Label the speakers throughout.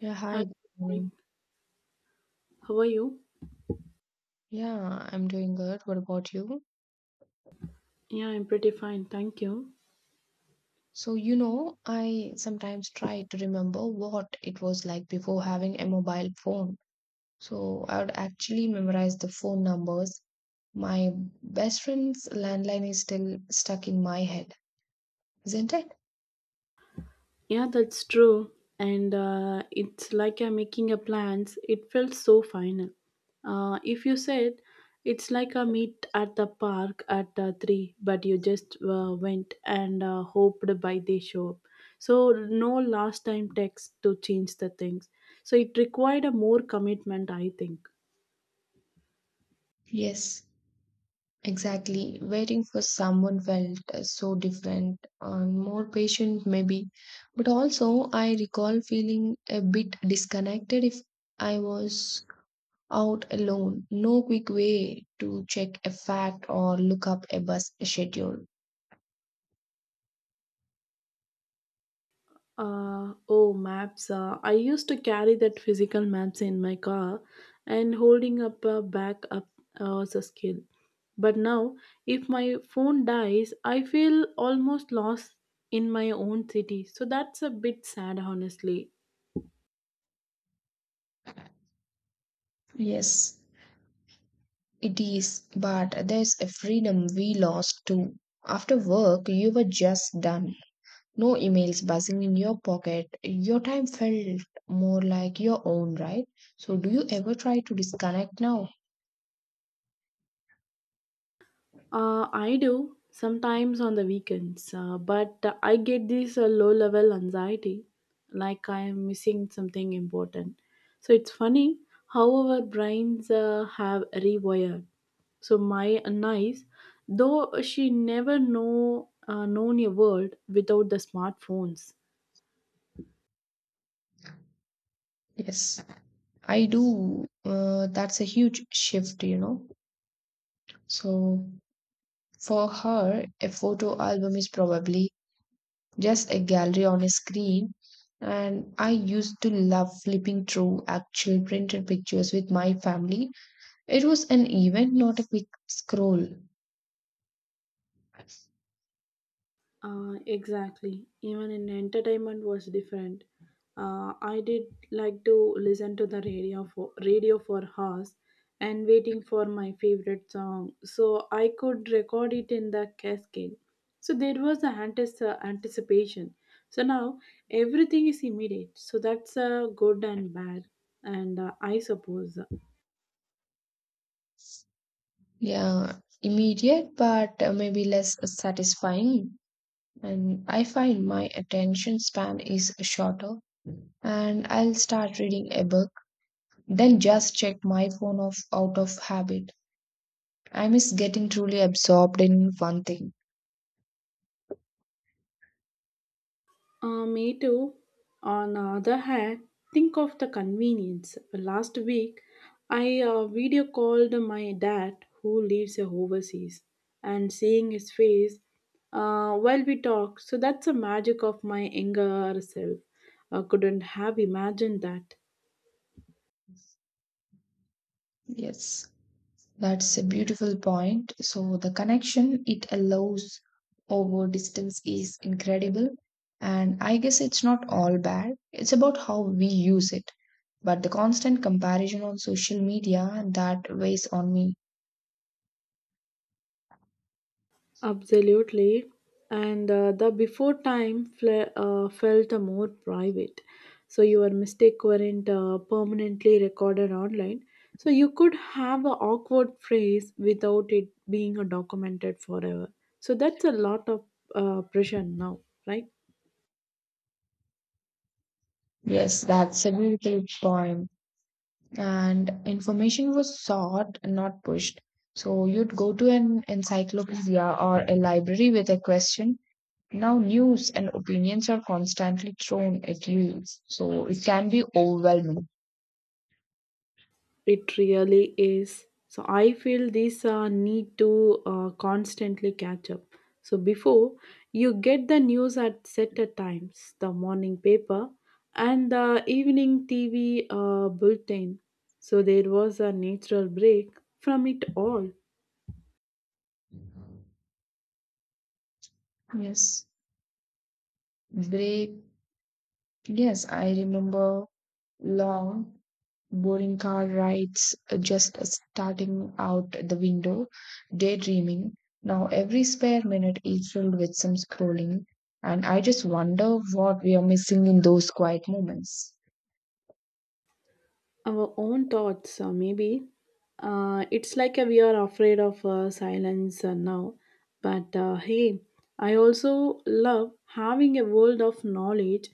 Speaker 1: Yeah,
Speaker 2: Hi,
Speaker 1: hi, good
Speaker 2: good
Speaker 1: morning.
Speaker 2: morning. How are you?
Speaker 1: Yeah, I'm doing good. What about you?
Speaker 2: Yeah, I'm pretty fine, thank you.
Speaker 1: So, you know, I sometimes try to remember what it was like before having a mobile phone. So, I would actually memorize the phone numbers. My best friend's landline is still stuck in my head, isn't it?
Speaker 2: Yeah, that's true. And It's like I'm making a plans. It felt so final. If you said it's like a meet at the park at three, but you just went and hoped by they show up. So no last time text to change the things. So it required a more commitment, I think.
Speaker 1: Yes, exactly. Waiting for someone felt so different and more patient, maybe. But also, I recall feeling a bit disconnected if I was out alone. No quick way to check a fact or look up a bus schedule.
Speaker 2: Oh, maps. I used to carry that physical maps in my car, and holding up a back up was a skill. But now, if my phone dies, I feel almost lost in my own city. So that's a bit sad, honestly.
Speaker 1: Yes, it is, but there's a freedom we lost too. After work, you were just done. No emails buzzing in your pocket. Your time felt more like your own, right? So, do you ever try to disconnect now?
Speaker 2: I do sometimes on the weekends, but I get this low level anxiety, like I am missing something important. So it's funny how our brains have rewired. So my niece, though she never know known a world without the smartphones.
Speaker 1: Yes, I do. That's a huge shift, you know. So, for her, a photo album is probably just a gallery on a screen. And I used to love flipping through actual printed pictures with my family. It was an event, not a quick scroll.
Speaker 2: Exactly. Even in entertainment was different. I did like to listen to the radio for hours and waiting for my favorite song. So I could record it in the cascade. So there was a anticipation. So now everything is immediate. So that's good and bad, and I suppose.
Speaker 1: Yeah, immediate, but maybe less satisfying. And I find my attention span is shorter, and I'll start reading a book, then just check my phone off out of habit. I miss getting truly absorbed in one thing.
Speaker 2: Me too. On the other hand, think of the convenience. Last week, I video called my dad who lives overseas and seeing his face while we talk. So that's the magic of my younger self. I couldn't have imagined that.
Speaker 1: Yes. That's a beautiful point. So the connection it allows over distance is incredible. And I guess it's not all bad. It's about how we use it. But the constant comparison on social media that weighs on me.
Speaker 2: Absolutely. And The before time felt more private. So your mistake weren't permanently recorded online. So you could have an awkward phrase without it being documented forever. So that's a lot of pressure now, right?
Speaker 1: Yes, that's a beautiful point. And information was sought, not pushed. So you'd go to an encyclopedia or a library with a question. Now, news and opinions are constantly thrown at you, so it can be overwhelming.
Speaker 2: It really is. So I feel this need to constantly catch up. So before you get the news at set a times, the morning paper and the evening TV bulletin. So there was a natural break from it all.
Speaker 1: Yes, break. Yes, I remember long, boring car rides, just starting out the window, daydreaming. Now, every spare minute is filled with some scrolling, and I just wonder what we are missing in those quiet moments.
Speaker 2: Our own thoughts maybe it's like we are afraid of silence now but hey, I also love having a world of knowledge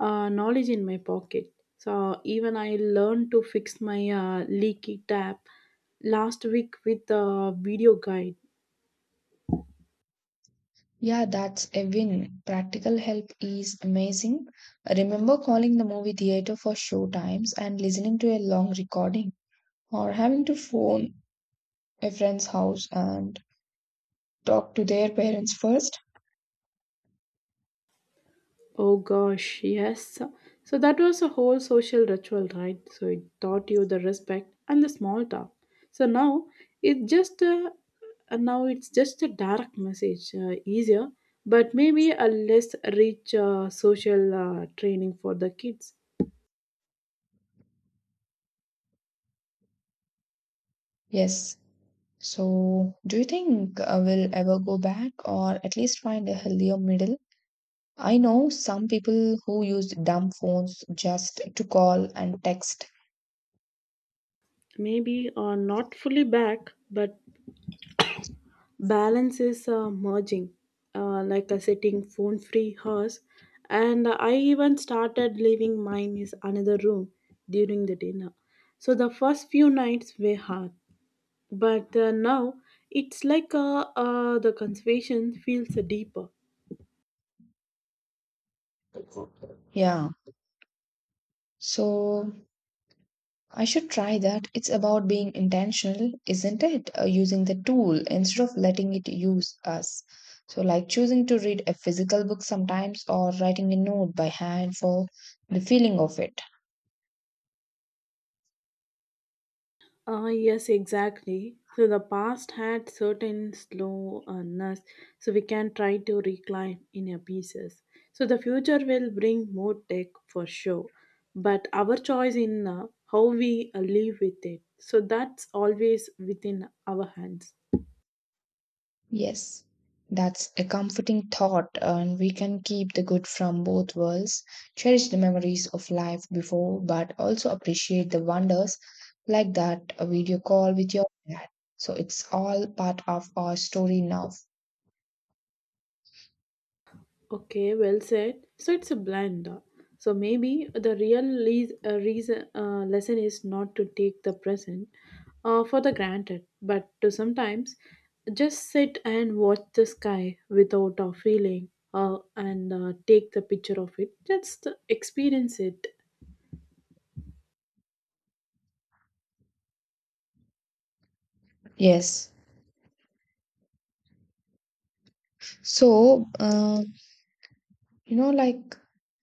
Speaker 2: knowledge in my pocket. So even I learned to fix my leaky tap last week with a video guide.
Speaker 1: Yeah, that's a win. Practical help is amazing. Remember calling the movie theater for show times and listening to a long recording, or having to phone a friend's house and talk to their parents first.
Speaker 2: Oh gosh, yes. So that was a whole social ritual, right? So it taught you the respect and the small talk. So now it's just a, now it's just a direct message, easier, but maybe a less rich social training for the kids.
Speaker 1: Yes. So, do you think we'll ever go back or at least find a healthier middle? I know some people who use dumb phones just to call and text.
Speaker 2: Maybe not fully back, but balance is merging like a sitting phone free house, and I even started leaving mine is another room during the dinner. So the first few nights were hard, but now it's like the conversation feels deeper.
Speaker 1: Yeah. So, I should try that. It's about being intentional, isn't it? Using the tool instead of letting it use us. So, like choosing to read a physical book sometimes or writing a note by hand for the feeling of it.
Speaker 2: Ah, yes, exactly. So the past had certain slowness, so we can try to recline in our pieces. So the future will bring more tech for sure, but our choice in how we live with it. So that's always within our hands.
Speaker 1: Yes, that's a comforting thought, and we can keep the good from both worlds, cherish the memories of life before, but also appreciate the wonders like that a video call with your dad. So, it's all part of our story now.
Speaker 2: Okay, well said. So it's a blend. So maybe the real lesson is not to take the present for the granted, but to sometimes just sit and watch the sky without a feeling and take the picture of it. Just experience it.
Speaker 1: Yes. So, you know, like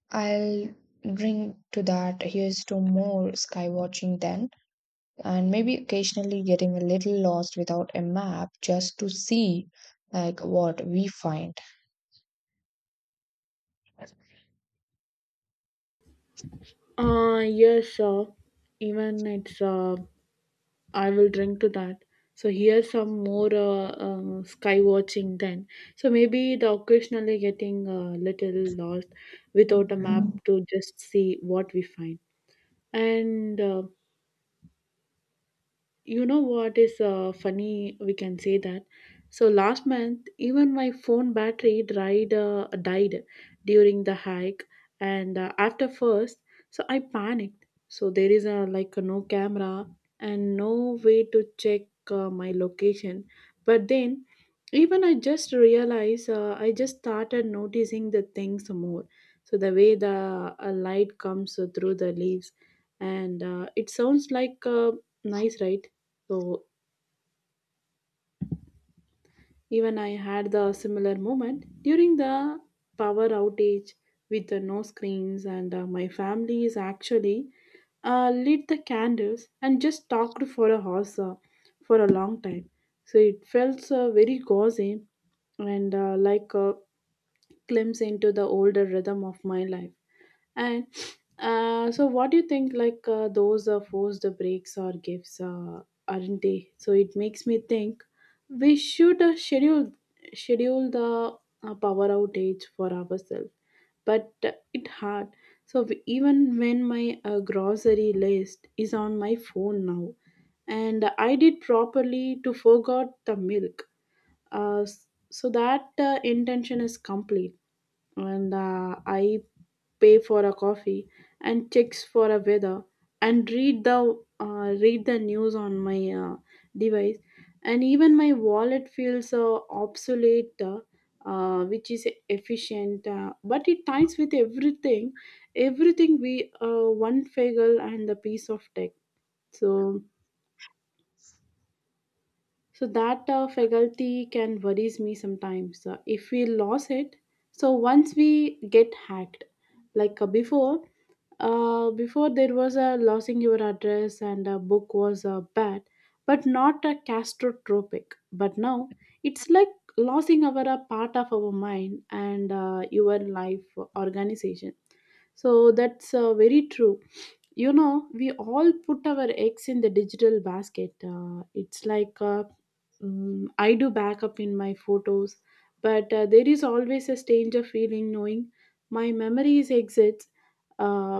Speaker 1: I'll bring to that here's to more sky watching then, and maybe occasionally getting a little lost without a map just to see like what we find.
Speaker 2: Yeah, sure. Even it's I will drink to that. So here's some more sky watching then. So maybe the occasionally getting a little lost without a map to just see what we find. And You know what is funny? We can say that. So last month, even my phone battery died, died during the hike, and after first, so I panicked. So there is a like no camera and no way to check my location. But then, even I just realized, I just started noticing the things more. So the way the light comes through the leaves, and it sounds like. Nice, right? So even I had the similar moment during the power outage with the no screens, and my family is actually lit the candles and just talked for a horse for a long time. So it felt very cozy and like glimpse into the older rhythm of my life. And So, what do you think? Like those forced breaks or gifts, aren't they? So it makes me think we should schedule the power outage for ourselves, but it hard. Even when my grocery list is on my phone now, and I did properly to forgot the milk so that intention is complete, and I pay for a coffee and checks for a weather and read the news on my device, and even my wallet feels obsolete, which is efficient but it ties with everything, everything we one fagel and the piece of tech. So so that faculty can worries me sometimes if we lose it. So once we get hacked, like before there was a losing your address and a book was bad, but not a catastrophic. But now it's like losing our a part of our mind and your life organization. So that's very true, you know, we all put our eggs in the digital basket. It's like I do backup in my photos, but there is always a stranger feeling knowing my memories exist uh,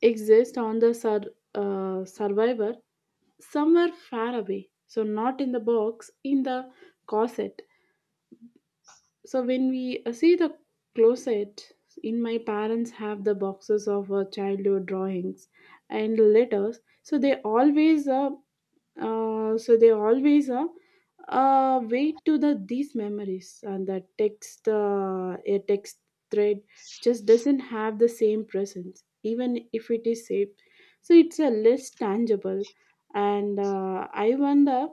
Speaker 2: exist on the survivor somewhere far away. So not in the box, in the closet. So when we see the closet in my parents have the boxes of childhood drawings and letters, so they always uh, so they always uh, wait to the these memories and the text a text thread just doesn't have the same presence even if it is saved. So it's a less tangible, and I wonder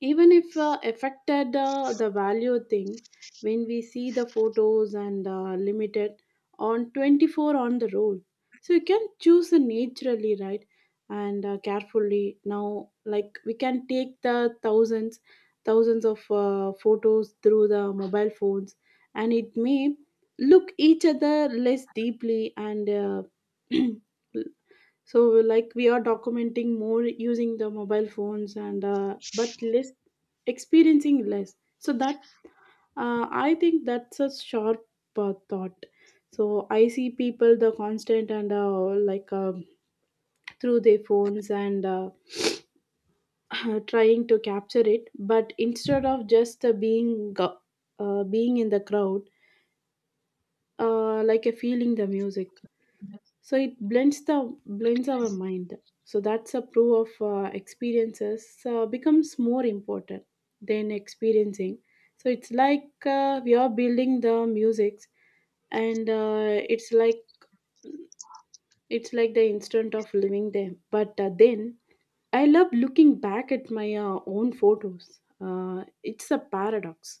Speaker 2: even if affected the value of things when we see the photos and limited on 24 on the road. So you can choose naturally, right? And carefully now, like we can take the thousands of photos through the mobile phones, and it may look each other less deeply and so like we are documenting more using the mobile phones and but less experiencing less. So that I think that's a sharp thought. So I see people the constant and like um through their phones and trying to capture it, but instead of just being in the crowd, like a feeling the music. So it blends the blends our mind. So that's a proof of experiences becomes more important than experiencing. So it's like we are building the musics, and it's like the instant of living them, but then I love looking back at my own photos, it's a paradox,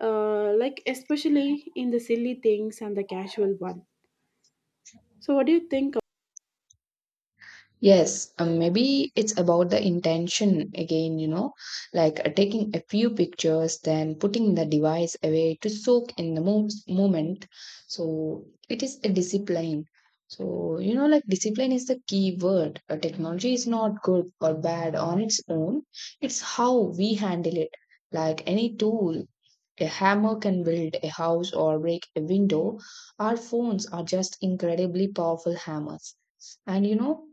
Speaker 2: like especially in the silly things and the casual one. So what do you think of?
Speaker 1: Yes, maybe it's about the intention again, you know, like taking a few pictures, then putting the device away to soak in the moment. So it is a discipline. So, you know, like discipline is the key word. Technology is not good or bad on its own, it's how we handle it. Like any tool, a hammer can build a house or break a window. Our phones are just incredibly powerful hammers. And you know,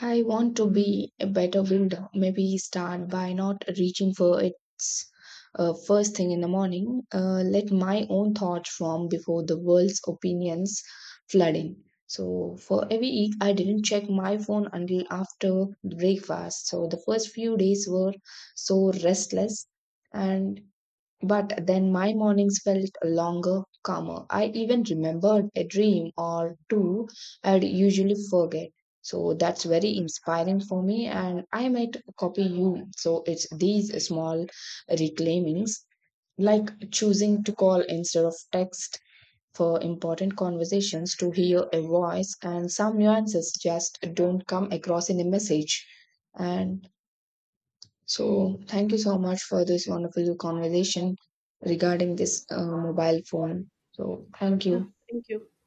Speaker 1: I want to be a better builder. Maybe start by not reaching for its first thing in the morning. Let my own thoughts form before the world's opinions flooding. So for every week, I didn't check my phone until after breakfast. So the first few days were so restless, and but then my mornings felt longer, calmer. I even remembered a dream or two I'd usually forget. So that's very inspiring for me, and I might copy you. So it's these small reclaimings, like choosing to call instead of text for important conversations to hear a voice, and some nuances just don't come across in a message. And so, thank you so much for this wonderful conversation regarding this mobile phone. So, thank
Speaker 2: Yeah,
Speaker 1: you.
Speaker 2: thank you.